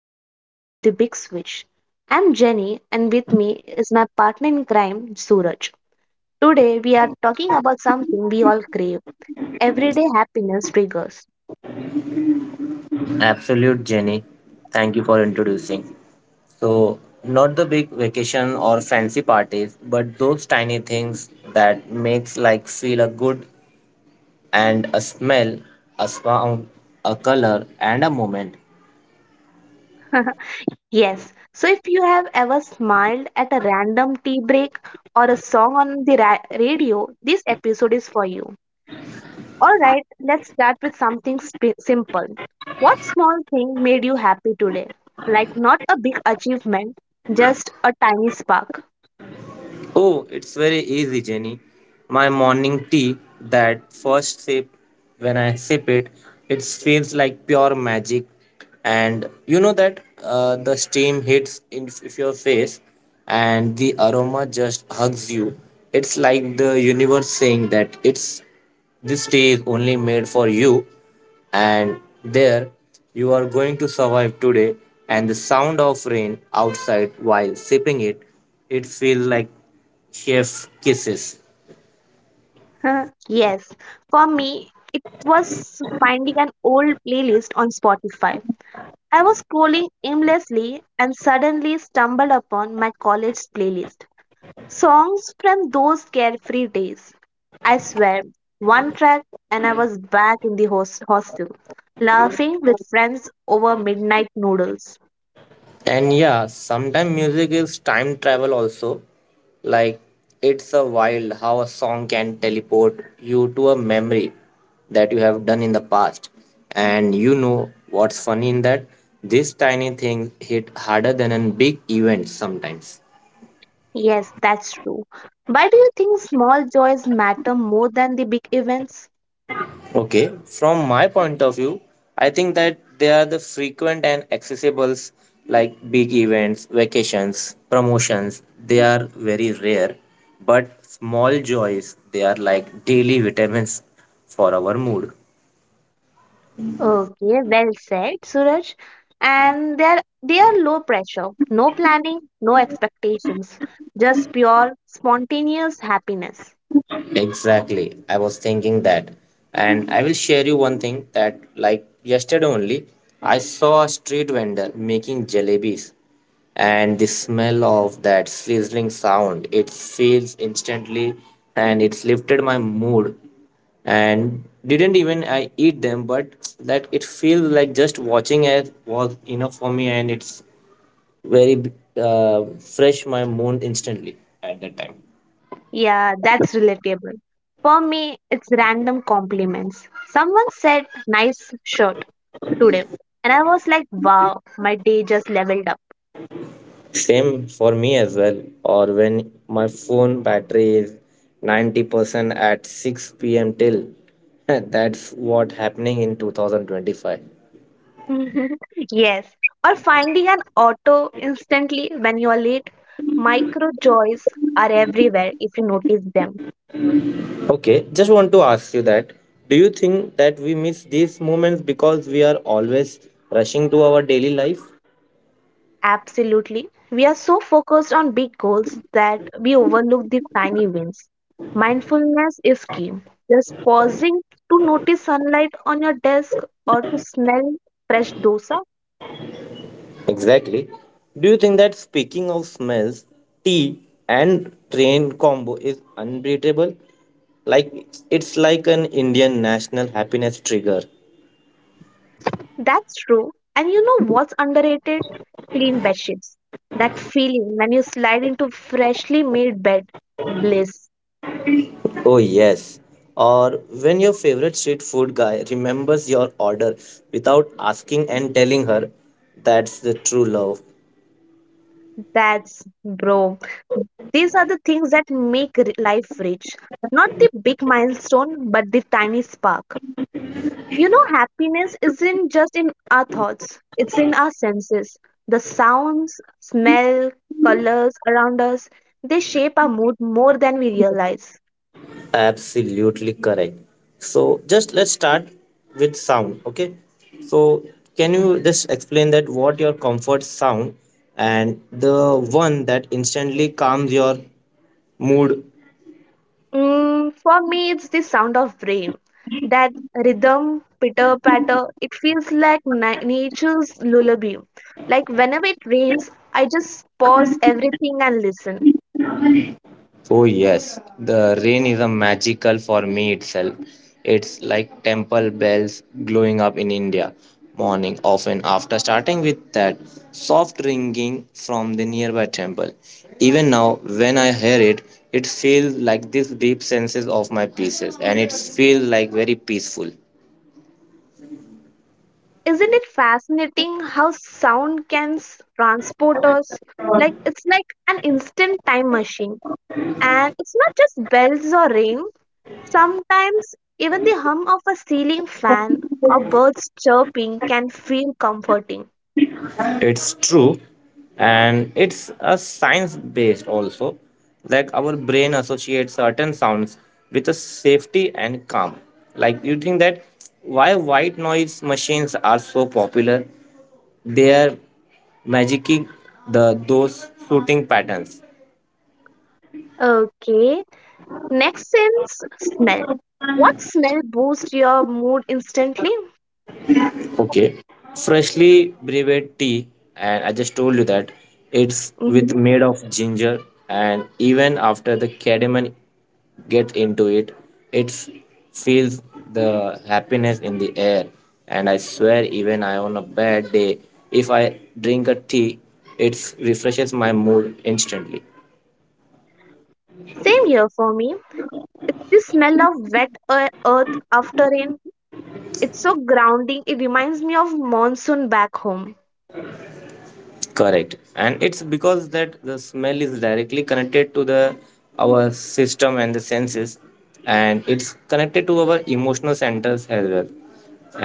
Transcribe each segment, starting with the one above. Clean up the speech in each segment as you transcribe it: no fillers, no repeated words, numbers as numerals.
episode of The Big Switch. I'm Jenny and with me is my partner in crime, Suraj. Today we are talking about something we all crave everyday happiness triggers. Absolute, Jenny. Thank you for introducing. So, not the big vacation or fancy parties, but those tiny things that makes like feel a good and a smell, a sound, a color, and a moment. Yes, so if you have ever smiled at a random tea break or a song on the radio, this episode is for you. Alright, let's start with something simple. What small thing made you happy today? Like, not a big achievement, just a tiny spark. Oh, it's very easy, Jenny. My morning tea, that first sip, when I sip it, it feels like pure magic. And you know that the steam hits in your face and the aroma just hugs you. It's like the universe saying that it's this tea is only made for you and there you are going to survive today and the sound of rain outside while sipping it feels like Chef Kisses. Yes, for me, it was finding an old playlist on Spotify. I was scrolling aimlessly and suddenly stumbled upon my college playlist. Songs from those carefree days. I swear, one track and I was back in the hostel, laughing with friends over midnight noodles. And yeah, sometimes music is time travel also. Like it's a wild how a song can teleport you to a memory that you have done in the past. And you know what's funny in that? This tiny thing hit harder than a big event sometimes. Yes, that's true. Why do you think small joys matter more than the big events? Okay, from my point of view, I think that they are the frequent and accessibles like big events, vacations, promotions. They are very rare, but small joys, they are like daily vitamins for our mood. Okay, well said, Suraj. And they are low pressure, no planning, no expectations, just pure spontaneous happiness. Exactly. I was thinking that. And I will share you one thing that, like yesterday only, I saw a street vendor making jalebis. And the smell of that sizzling sound, it feels instantly and it's lifted my mood. And didn't even I eat them, but that it feels like just watching it was enough for me and it's very fresh my mood instantly at that time. Yeah, that's relatable. For me, it's random compliments. Someone said nice shirt today, and I was like, wow, my day just leveled up. Same for me as well. Or when my phone battery is 90% at 6 p.m. till. That's what happening in 2025. Yes, or finding an auto instantly when you are late. Micro joys are everywhere if you notice them. Okay, just want to ask you that. Do you think that we miss these moments because we are always rushing to our daily life? Absolutely. We are so focused on big goals that we overlook the tiny wins. Mindfulness is key. Just pausing to notice sunlight on your desk or to smell fresh dosa. Exactly. Do you think that speaking of smells, tea and train combo is unbeatable? Like it's like an Indian national happiness trigger. That's true. And you know what's underrated? Clean bed sheets. That feeling when you slide into freshly made bed. Bliss. Oh, yes. Or when your favorite street food guy remembers your order without asking and telling her, that's the true love. That's bro. These are the things that make life rich. Not the big milestone, but the tiny spark. You know, happiness isn't just in our thoughts, it's in our senses. The sounds, smell, colors around us, they shape our mood more than we realize. Absolutely correct. So, just let's start with sound, okay? So, can you just explain that what your comfort sound and the one that instantly calms your mood. For me, it's the sound of rain. That rhythm, pitter patter, it feels like nature's lullaby. Like whenever it rains, I just pause everything and listen. Oh yes, the rain is a magical for me itself. It's like temple bells glowing up in India morning often after starting with that soft ringing from the nearby temple. Even now when I hear it, it feels like this deep senses of my pieces and it feels like very peaceful. Isn't it fascinating how sound can transport us? Like it's like an instant time machine. And it's not just bells or rain. Sometimes even the hum of a ceiling fan or birds chirping can feel comforting. It's true, and it's a science based also. Like our brain associates certain sounds with a safety and calm. Like you think that why white noise machines are so popular? They are magicking the those shooting patterns. Okay, next sense smell. What smell boosts your mood instantly? Okay. Freshly brewed tea, and I just told you that it's with Mhm. made of ginger, and even after the cardamom gets into it, it feels the happiness in the air. And I swear, even I on a bad day, if I drink a tea, it refreshes my mood instantly. Same here for me. It's the smell of wet earth after rain. It's so grounding. It reminds me of monsoon back home. Correct, and it's because that the smell is directly connected to the our system and the senses, and it's connected to our emotional centers as well,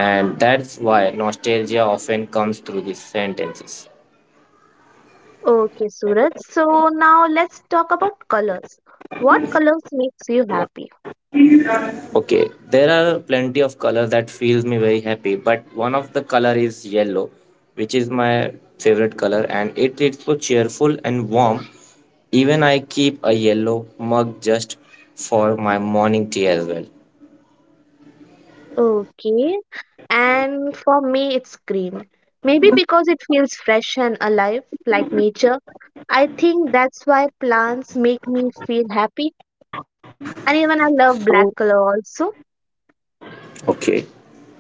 and that's why nostalgia often comes through these sentences. Okay, Suraj. So now let's talk about colors. What colors makes you happy? Okay, there are plenty of colors that feels me very happy, but one of the color is yellow, which is my favorite color, and it is so cheerful and warm. Even I keep a yellow mug just for my morning tea as well. Okay. And for me, it's green. Maybe because it feels fresh and alive, like nature. I think that's why plants make me feel happy. And even I love black So, color also. okay.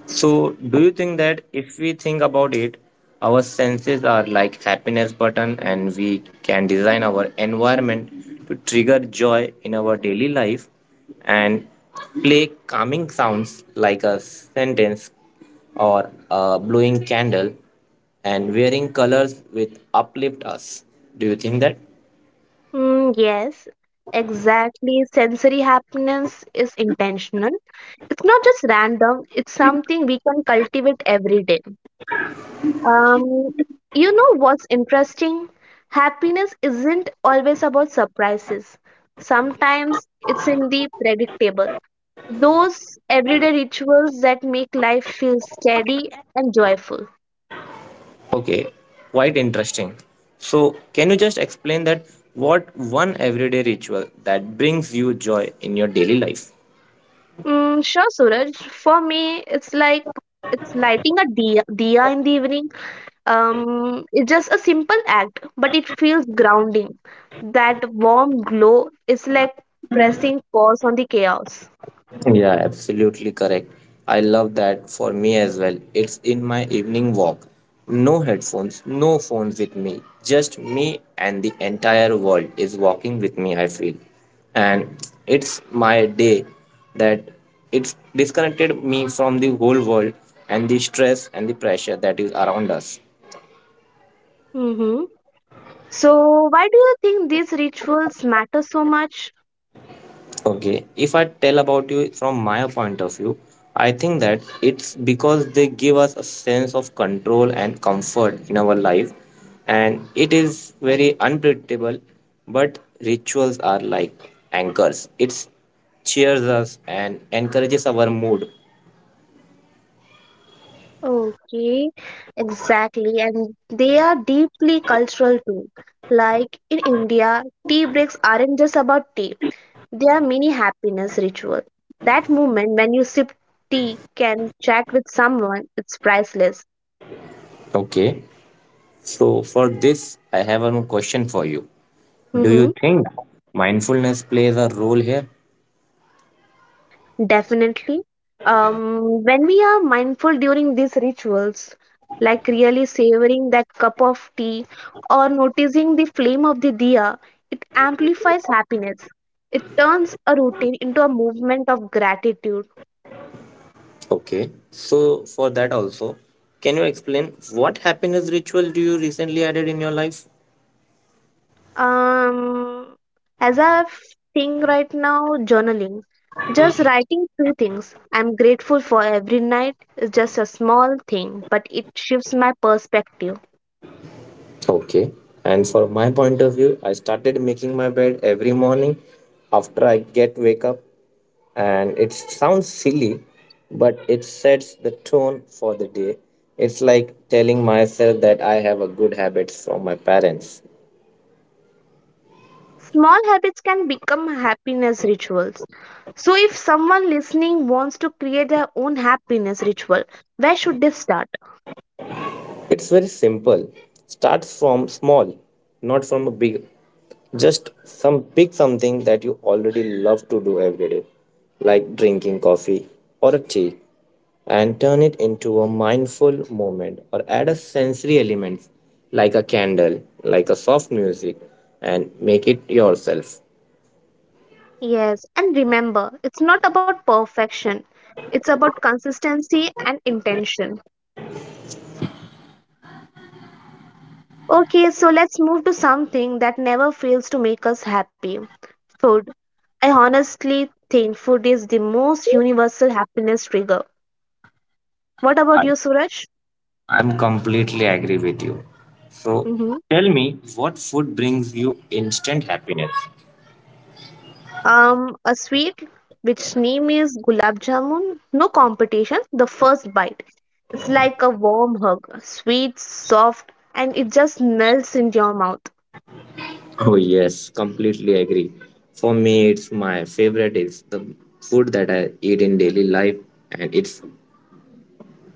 So, do you think that if we think about it, our senses are like happiness button and we can design our environment to trigger joy in our daily life and play calming sounds like a sentence or a blowing candle and wearing colors with uplift us. Do you think that? Yes, exactly. Sensory happiness is intentional. It's not just random, it's something we can cultivate every day. Um, you know what's interesting? Happiness isn't always about surprises. Sometimes it's in the predictable. Those everyday rituals that make life feel steady and joyful. Okay, quite interesting. So, can you just explain that what one everyday ritual that brings you joy in your daily life? Sure, Suraj. For me, it's like it's lighting a dia in the evening. It's just a simple act, but it feels grounding. That warm glow is like pressing pause on the chaos. Yeah, absolutely correct. I love that for me as well. It's in my evening walk. No headphones, no phones with me. Just me and the entire world is walking with me, I feel. And it's my day that it's disconnected me from the whole world and the stress and the pressure that is around us. Mm-hmm. So, why do you think these rituals matter so much? Okay, if I tell about you from my point of view, I think that it's because they give us a sense of control and comfort in our life, and it is very unpredictable. But rituals are like anchors, it cheers us and encourages our mood. Okay, exactly. And they are deeply cultural too. Like in India, tea breaks aren't just about tea, they are mini happiness ritual. That moment when you sip tea can chat with someone, it's priceless. Okay, so for this, I have one question for you. Do Mm-hmm. you think mindfulness plays a role here? Definitely. When we are mindful during these rituals, like really savoring that cup of tea or noticing the flame of the diya, it amplifies happiness. It turns a routine into a movement of gratitude. Okay, so for that also, can you explain what happiness ritual do you recently added in your life? Um, as I think right now, journaling, just writing two things I'm grateful for every night is just a small thing, but it shifts my perspective. Okay, and for my point of view, I started making my bed every morning after I get wake up, and it sounds silly, but it sets the tone for the day. It's like telling myself that I have a good habits from my parents. Small habits can become happiness rituals. So, if someone listening wants to create their own happiness ritual, where should they start? It's very simple. Start from small, not from a big, just some pick something that you already love to do every day, like drinking coffee or a tea, and turn it into a mindful moment or add a sensory element like a candle, like a soft music, and make it yourself. Yes, and remember, it's not about perfection, it's about consistency and intention. Okay, so let's move to something that never fails to make us happy food. I honestly think food is the most universal happiness trigger. What about I, you, Suraj? I'm completely agree with you. So Mm-hmm. tell me what food brings you instant happiness? A sweet which name is gulab jamun. No competition. The first bite, it's like a warm hug, sweet, soft, and it just melts in your mouth. Oh yes, completely agree. For me, it's my favorite is the food that I eat in daily life, and it's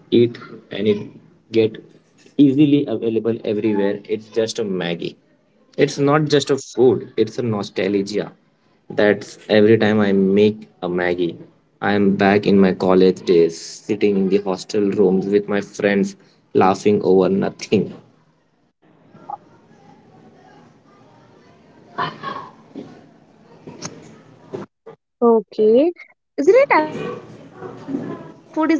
eat and it get easily available everywhere. It's just a Maggie. It's not just a food; it's a nostalgia. That's every time I make a Maggie, I am back in my college days, sitting in the hostel rooms with my friends, laughing over nothing. Mm-hmm. Okay, isn't it amazing how food isn't just about taste?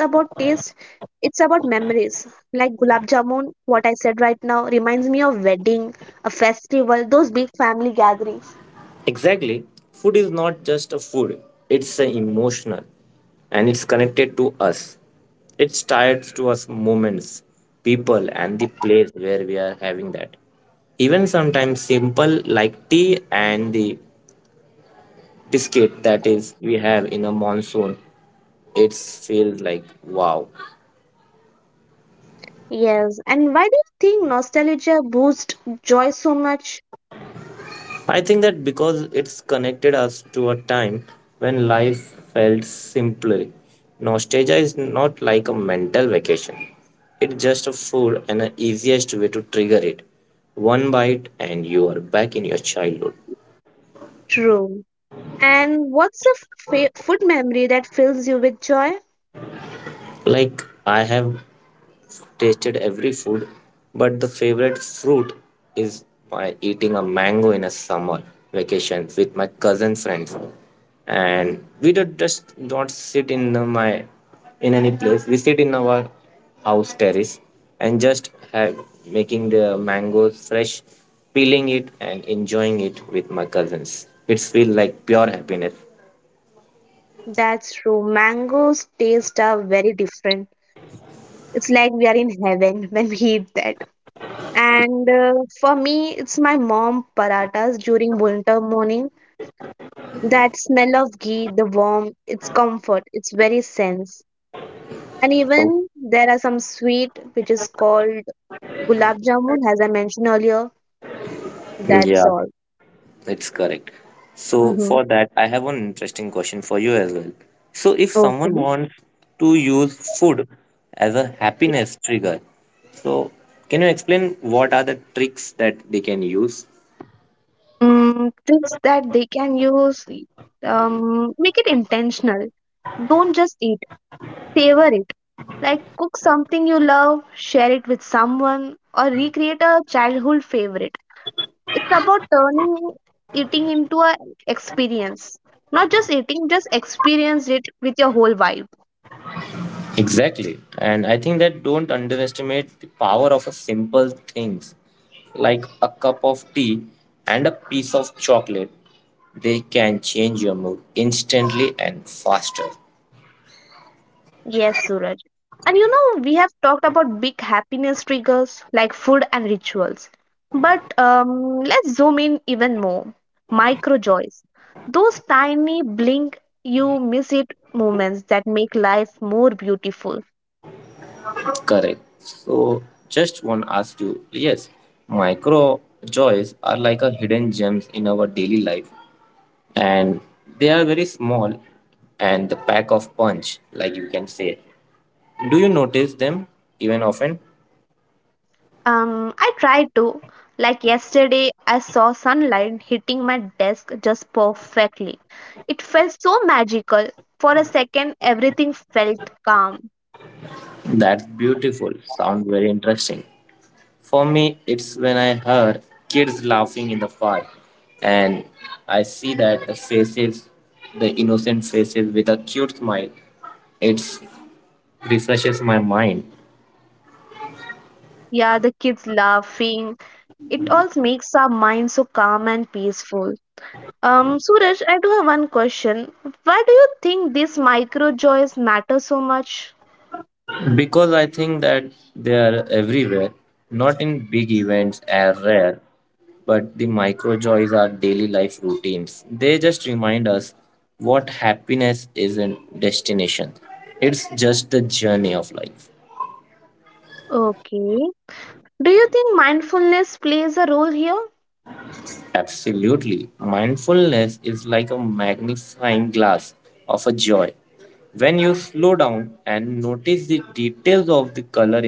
It's about memories. Like gulab jamun, what I said right now reminds me of wedding, a festival, those big family gatherings. Exactly. Food is not just a food, it's a emotional and it's connected to us. It's tied to us moments, people, and the place where we are having that. Even sometimes simple like tea and the biscuit that is we have in a monsoon, it feels like wow. Yes, and why do you think nostalgia boosts joy so much? I think that because it's connected us to a time when life felt simpler. Nostalgia is not like a mental vacation. It's just a food and the easiest way to trigger it. One bite and you are back in your childhood. True. And what's a food memory that fills you with joy? Like I have tasted every food, but the favorite fruit is my eating a mango in a summer vacation with my cousin friends, and we don't just don't sit my in any place, we sit in our house terrace and just have making the mangoes fresh, peeling it and enjoying it with my cousins. It feels like pure happiness. That's true. Mangoes taste are very different. It's like we are in heaven when we eat that. And for me, it's my mom paratas during winter morning. That smell of ghee, the warmth, it's comfort, it's very sense. And even there are some sweet which is called gulab jamun, as I mentioned earlier. That's Yeah, all. it's correct. So Mm-hmm. for that, I have one interesting question for you as well. So if someone Okay. wants to use food as a happiness trigger, so can you explain what are the tricks that they can use? Tips that they can use make it intentional. Don't just eat, savor it. Like cook something you love, share it with someone, or recreate a childhood favorite. It's about turning eating into an experience. Not just eating, just experience it with your whole vibe. Exactly. And I think that don't underestimate the power of a simple things like a cup of tea and a piece of chocolate. They can change your mood instantly and faster. Yes, Suraj. And you know, we have talked about big happiness triggers like food and rituals. But let's zoom in even more. Micro joys. Those tiny blink you miss it moments that make life more beautiful. Correct. So just want to ask you, yes, micro joys are like a hidden gems in our daily life, and they are very small and the pack of punch, like you can say. Do you notice them even often? I try to. Like yesterday, I saw sunlight hitting my desk just perfectly. It felt so magical. For a second, everything felt calm. That's beautiful. Sound very interesting. For me, it's when I heard kids laughing in the park, and I see that the faces, the innocent faces with a cute smile, it refreshes my mind. Yeah, the kids laughing. It also makes our mind so calm and peaceful. Suraj, I do have one question. Why do you think these micro joys matter so much? Because I think that they are everywhere, not in big events are rare, but the micro joys are daily life routines. They just remind us what happiness isn't destination. It's just the journey of life. Okay. Do you think mindfulness plays a role here? Absolutely. Mindfulness is like a magnifying glass of a joy. When you slow down and notice the details of the color.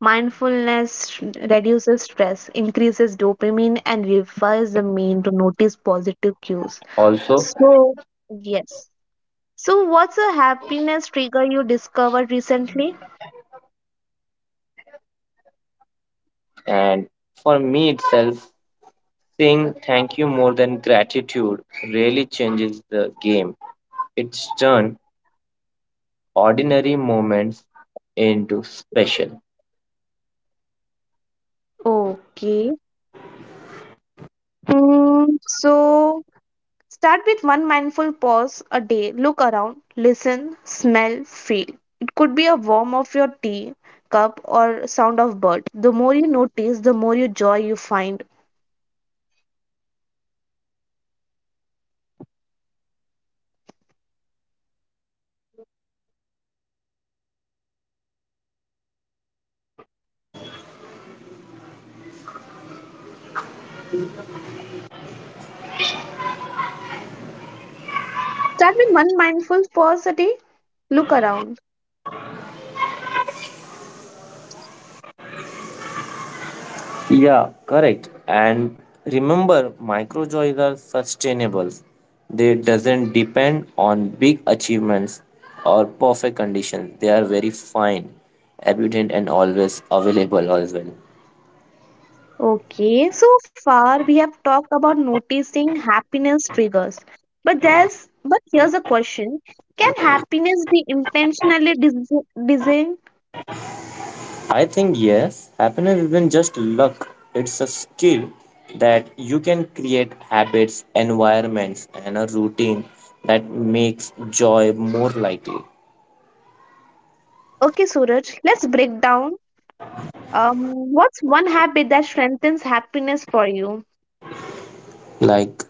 Mindfulness reduces stress, increases dopamine, and revives the mind to notice positive cues. So, yes. So, what's a happiness trigger you discovered recently? Okay. So start with one mindful pause a day. Look around, listen, smell, feel. It could be a warm of your tea cup or sound of bird. The more you notice, the more you joy you find. Start with one mindful pause a day. Look around. Yeah, correct. And remember, micro joys are sustainable. They doesn't depend on big achievements or perfect conditions. They are very fine, abundant, and always available as well. Okay, so far we have talked about noticing happiness triggers. But there's but here's a question. Can happiness be intentionally designed? I think yes, happiness isn't just luck. It's a skill that you can create habits, environments, and a routine that makes joy more likely. Okay, Suraj, let's break down. What's one habit that strengthens happiness for you? Like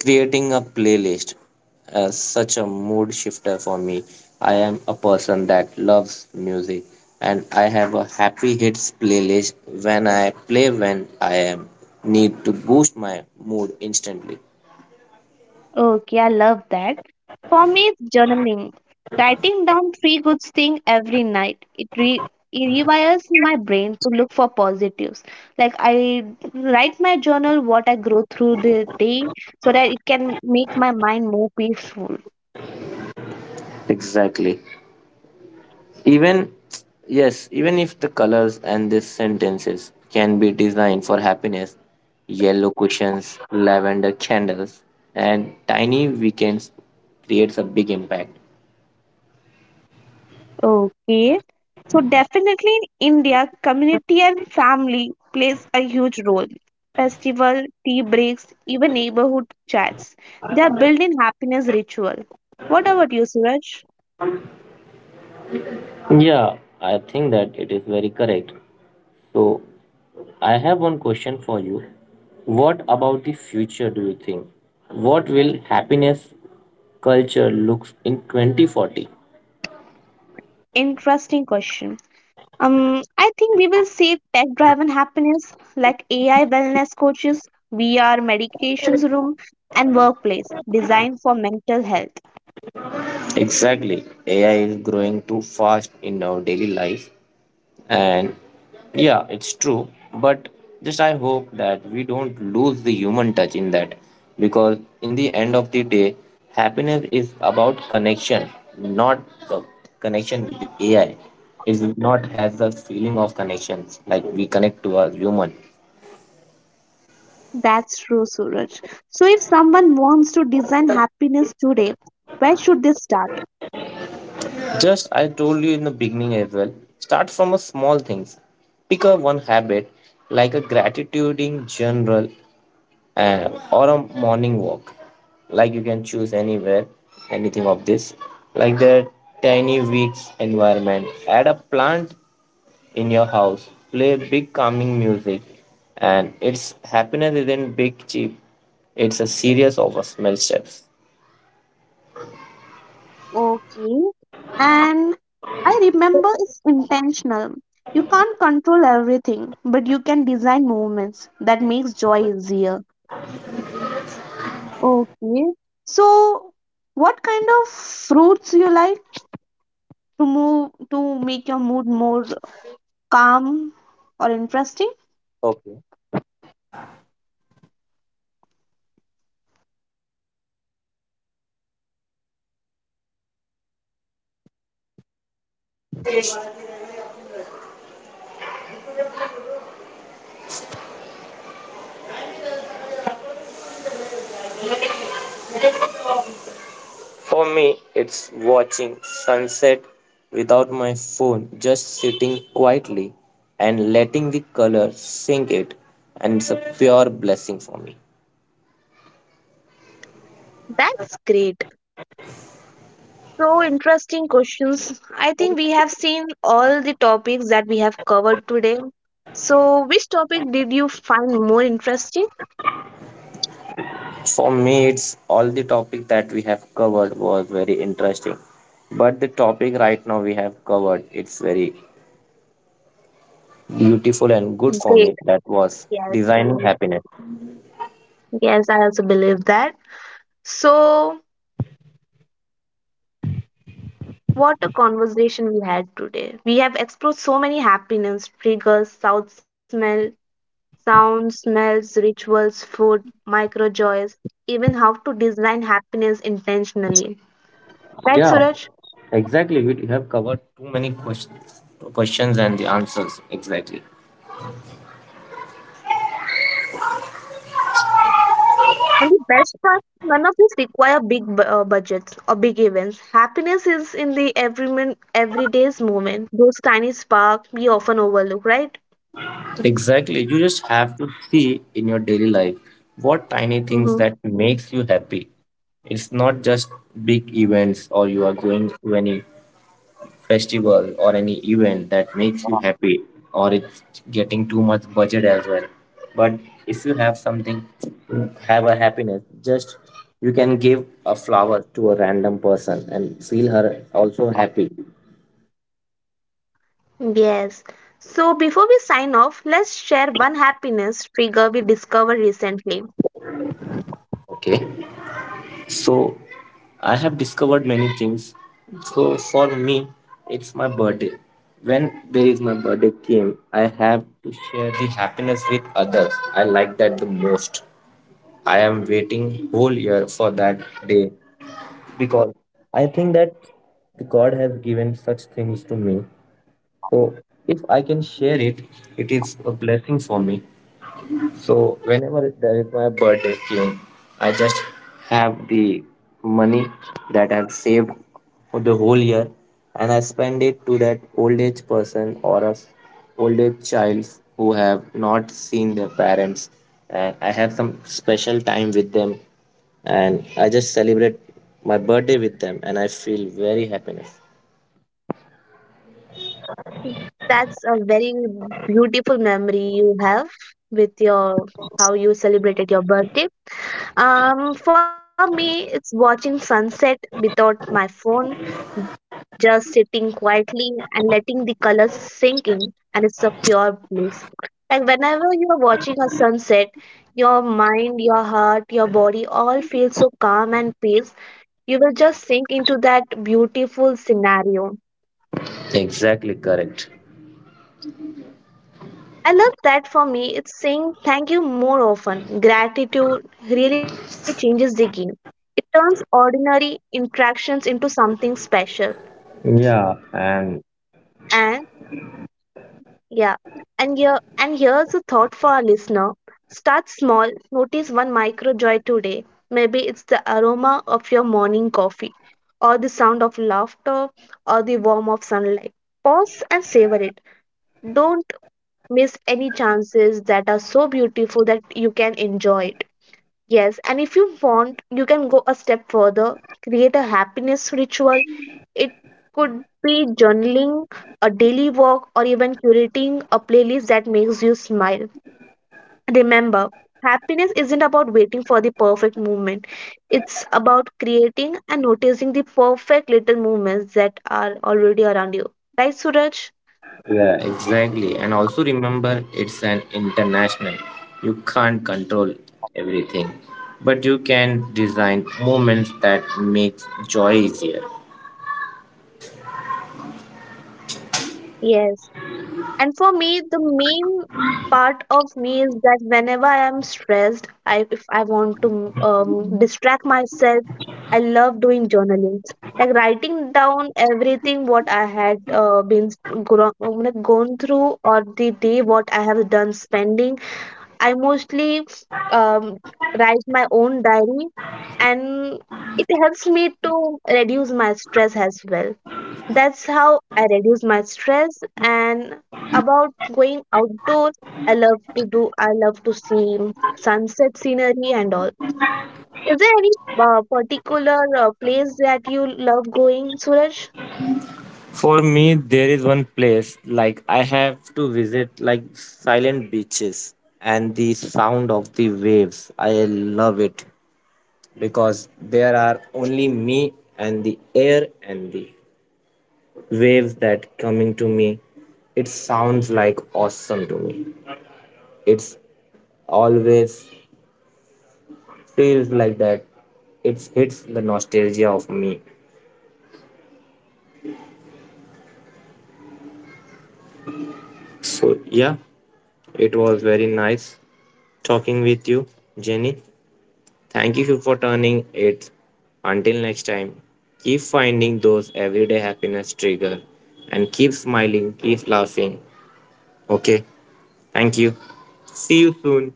creating a playlist as such a mood shifter for me. I am a person that loves music, and I have a happy hits playlist when I play when I am need to boost my mood instantly. Okay, I love that. For me, it's journaling. Writing down three good things every night. It rewires my brain to look for positives. Like I write my journal what I grow through the day so that it can make my mind more peaceful. Exactly, even yes, even if the colors and the sentences can be designed for happiness, yellow cushions, lavender candles, and tiny weekends creates a big impact. Okay. So definitely in India, community and family plays a huge role. Festival, tea breaks, even neighborhood chats. They are built in happiness ritual. What about you, Suraj? Yeah, I think that it is very correct. So, I have one question for you. What about the future do you think? What will happiness culture looks in 2040? Interesting question. I think we will see tech-driven happiness like AI wellness coaches, VR medications room, and workplace designed for mental health. Exactly. AI is growing too fast in our daily life. And yeah, it's true, but just I hope that we don't lose the human touch in that, because in the end of the day, happiness is about connection, not the connection with the AI. It not has the feeling of connections like we connect to a human. That's true, Suraj. So, if someone wants to design happiness today, where should they start? Just I told you in the beginning as well, start from a small things, pick up one habit like a gratitude in general and or a morning walk, like you can choose anywhere anything of this, like the tiny weeks environment, add a plant in your house, play big calming music, and its happiness isn't big cheap, it's a series of small steps. Okay. And I remember it's intentional. You can't control everything, but you can design movements that makes joy easier. Okay. So, what kind of fruits you like to move to make your mood more calm or interesting? For me, it's watching sunset without my phone, just sitting quietly and letting the color sink it, and it's a pure blessing for me. That's great. So interesting questions. I think we have seen all the topics that we have covered today. So, which topic did you find more interesting? For me, it's all the topic that we have covered was very interesting, but the topic right now we have covered it's very beautiful and good for Great. me. That was Yes. designing Yes, happiness. Yes, I also believe that. So, what a conversation we had today. We have explored so many happiness, triggers, south smell, sounds, smells, rituals, food, micro joys, even how to design happiness intentionally. Right, Yeah, Suraj? exactly. We have covered too many questions, and the answers exactly. And the best part, none of these require big budgets or big events. Happiness is in the everyday's moment. Those tiny sparks we often overlook, right? Exactly. You just have to see in your daily life what tiny things Mm-hmm. that makes you happy. It's not just big events or you are going to any festival or any event that makes you happy or it's getting too much budget as well. But if you have something to have a happiness, just you can give a flower to a random person and feel her also happy. Yes. So before we sign off, let's share one happiness trigger we discovered recently. Okay. So I have discovered many things. So for me, it's my birthday. When there is my birthday came, I have to share the happiness with others. I like that the most. I am waiting whole year for that day because I think that the God has given such things to me. So if I can share it, it is a blessing for me. So whenever my birthday came, I just have the money that I've saved for the whole year, and I spend it to that old age person or old age child who have not seen their parents. And I have some special time with them, and I just celebrate my birthday with them, and I feel very happiness. That's a very beautiful memory you have with your how you celebrated your birthday. For me, it's watching sunset without my phone, just sitting quietly and letting the colors sink in, and it's a pure bliss. Like whenever you are watching a sunset, your mind, your heart, your body all feel so calm and peace. You will just sink into that beautiful scenario. Exactly correct. I love that for me. It's saying thank you more often. Gratitude really changes the game. It turns ordinary interactions into something special. Yeah, and And yeah, and here and here's a thought for our listener. Start small, notice one micro joy today. Maybe it's the aroma of your morning coffee, or the sound of laughter, or the warmth of sunlight. Pause and savor it. Don't miss any chances that are so beautiful that you can enjoy it. Yes, and if you want, you can go a step further. Create a happiness ritual it could be journaling, a daily walk, or even curating a playlist that makes you smile. Remember, happiness isn't about waiting for the perfect moment. It's about creating and noticing the perfect little moments that are already around you. Right, Suraj? Yeah, exactly. And also remember, it's an international. You can't control everything, but you can design moments that make joy easier. Yes. And for me, the main part of me is that whenever I am stressed, I if I want to distract myself, I love doing journaling, like writing For me, there is one place like I have to visit, like silent beaches and the sound of the waves. I love it because there are only me and the air and the waves that coming to me. It sounds like awesome to me. It's always feels like that. It hits the nostalgia of me. So, yeah, it was very nice talking with you, Jenny. Thank you for turning it. Until next time, keep finding those everyday happiness trigger and keep smiling, keep laughing. Okay, thank you. See you soon.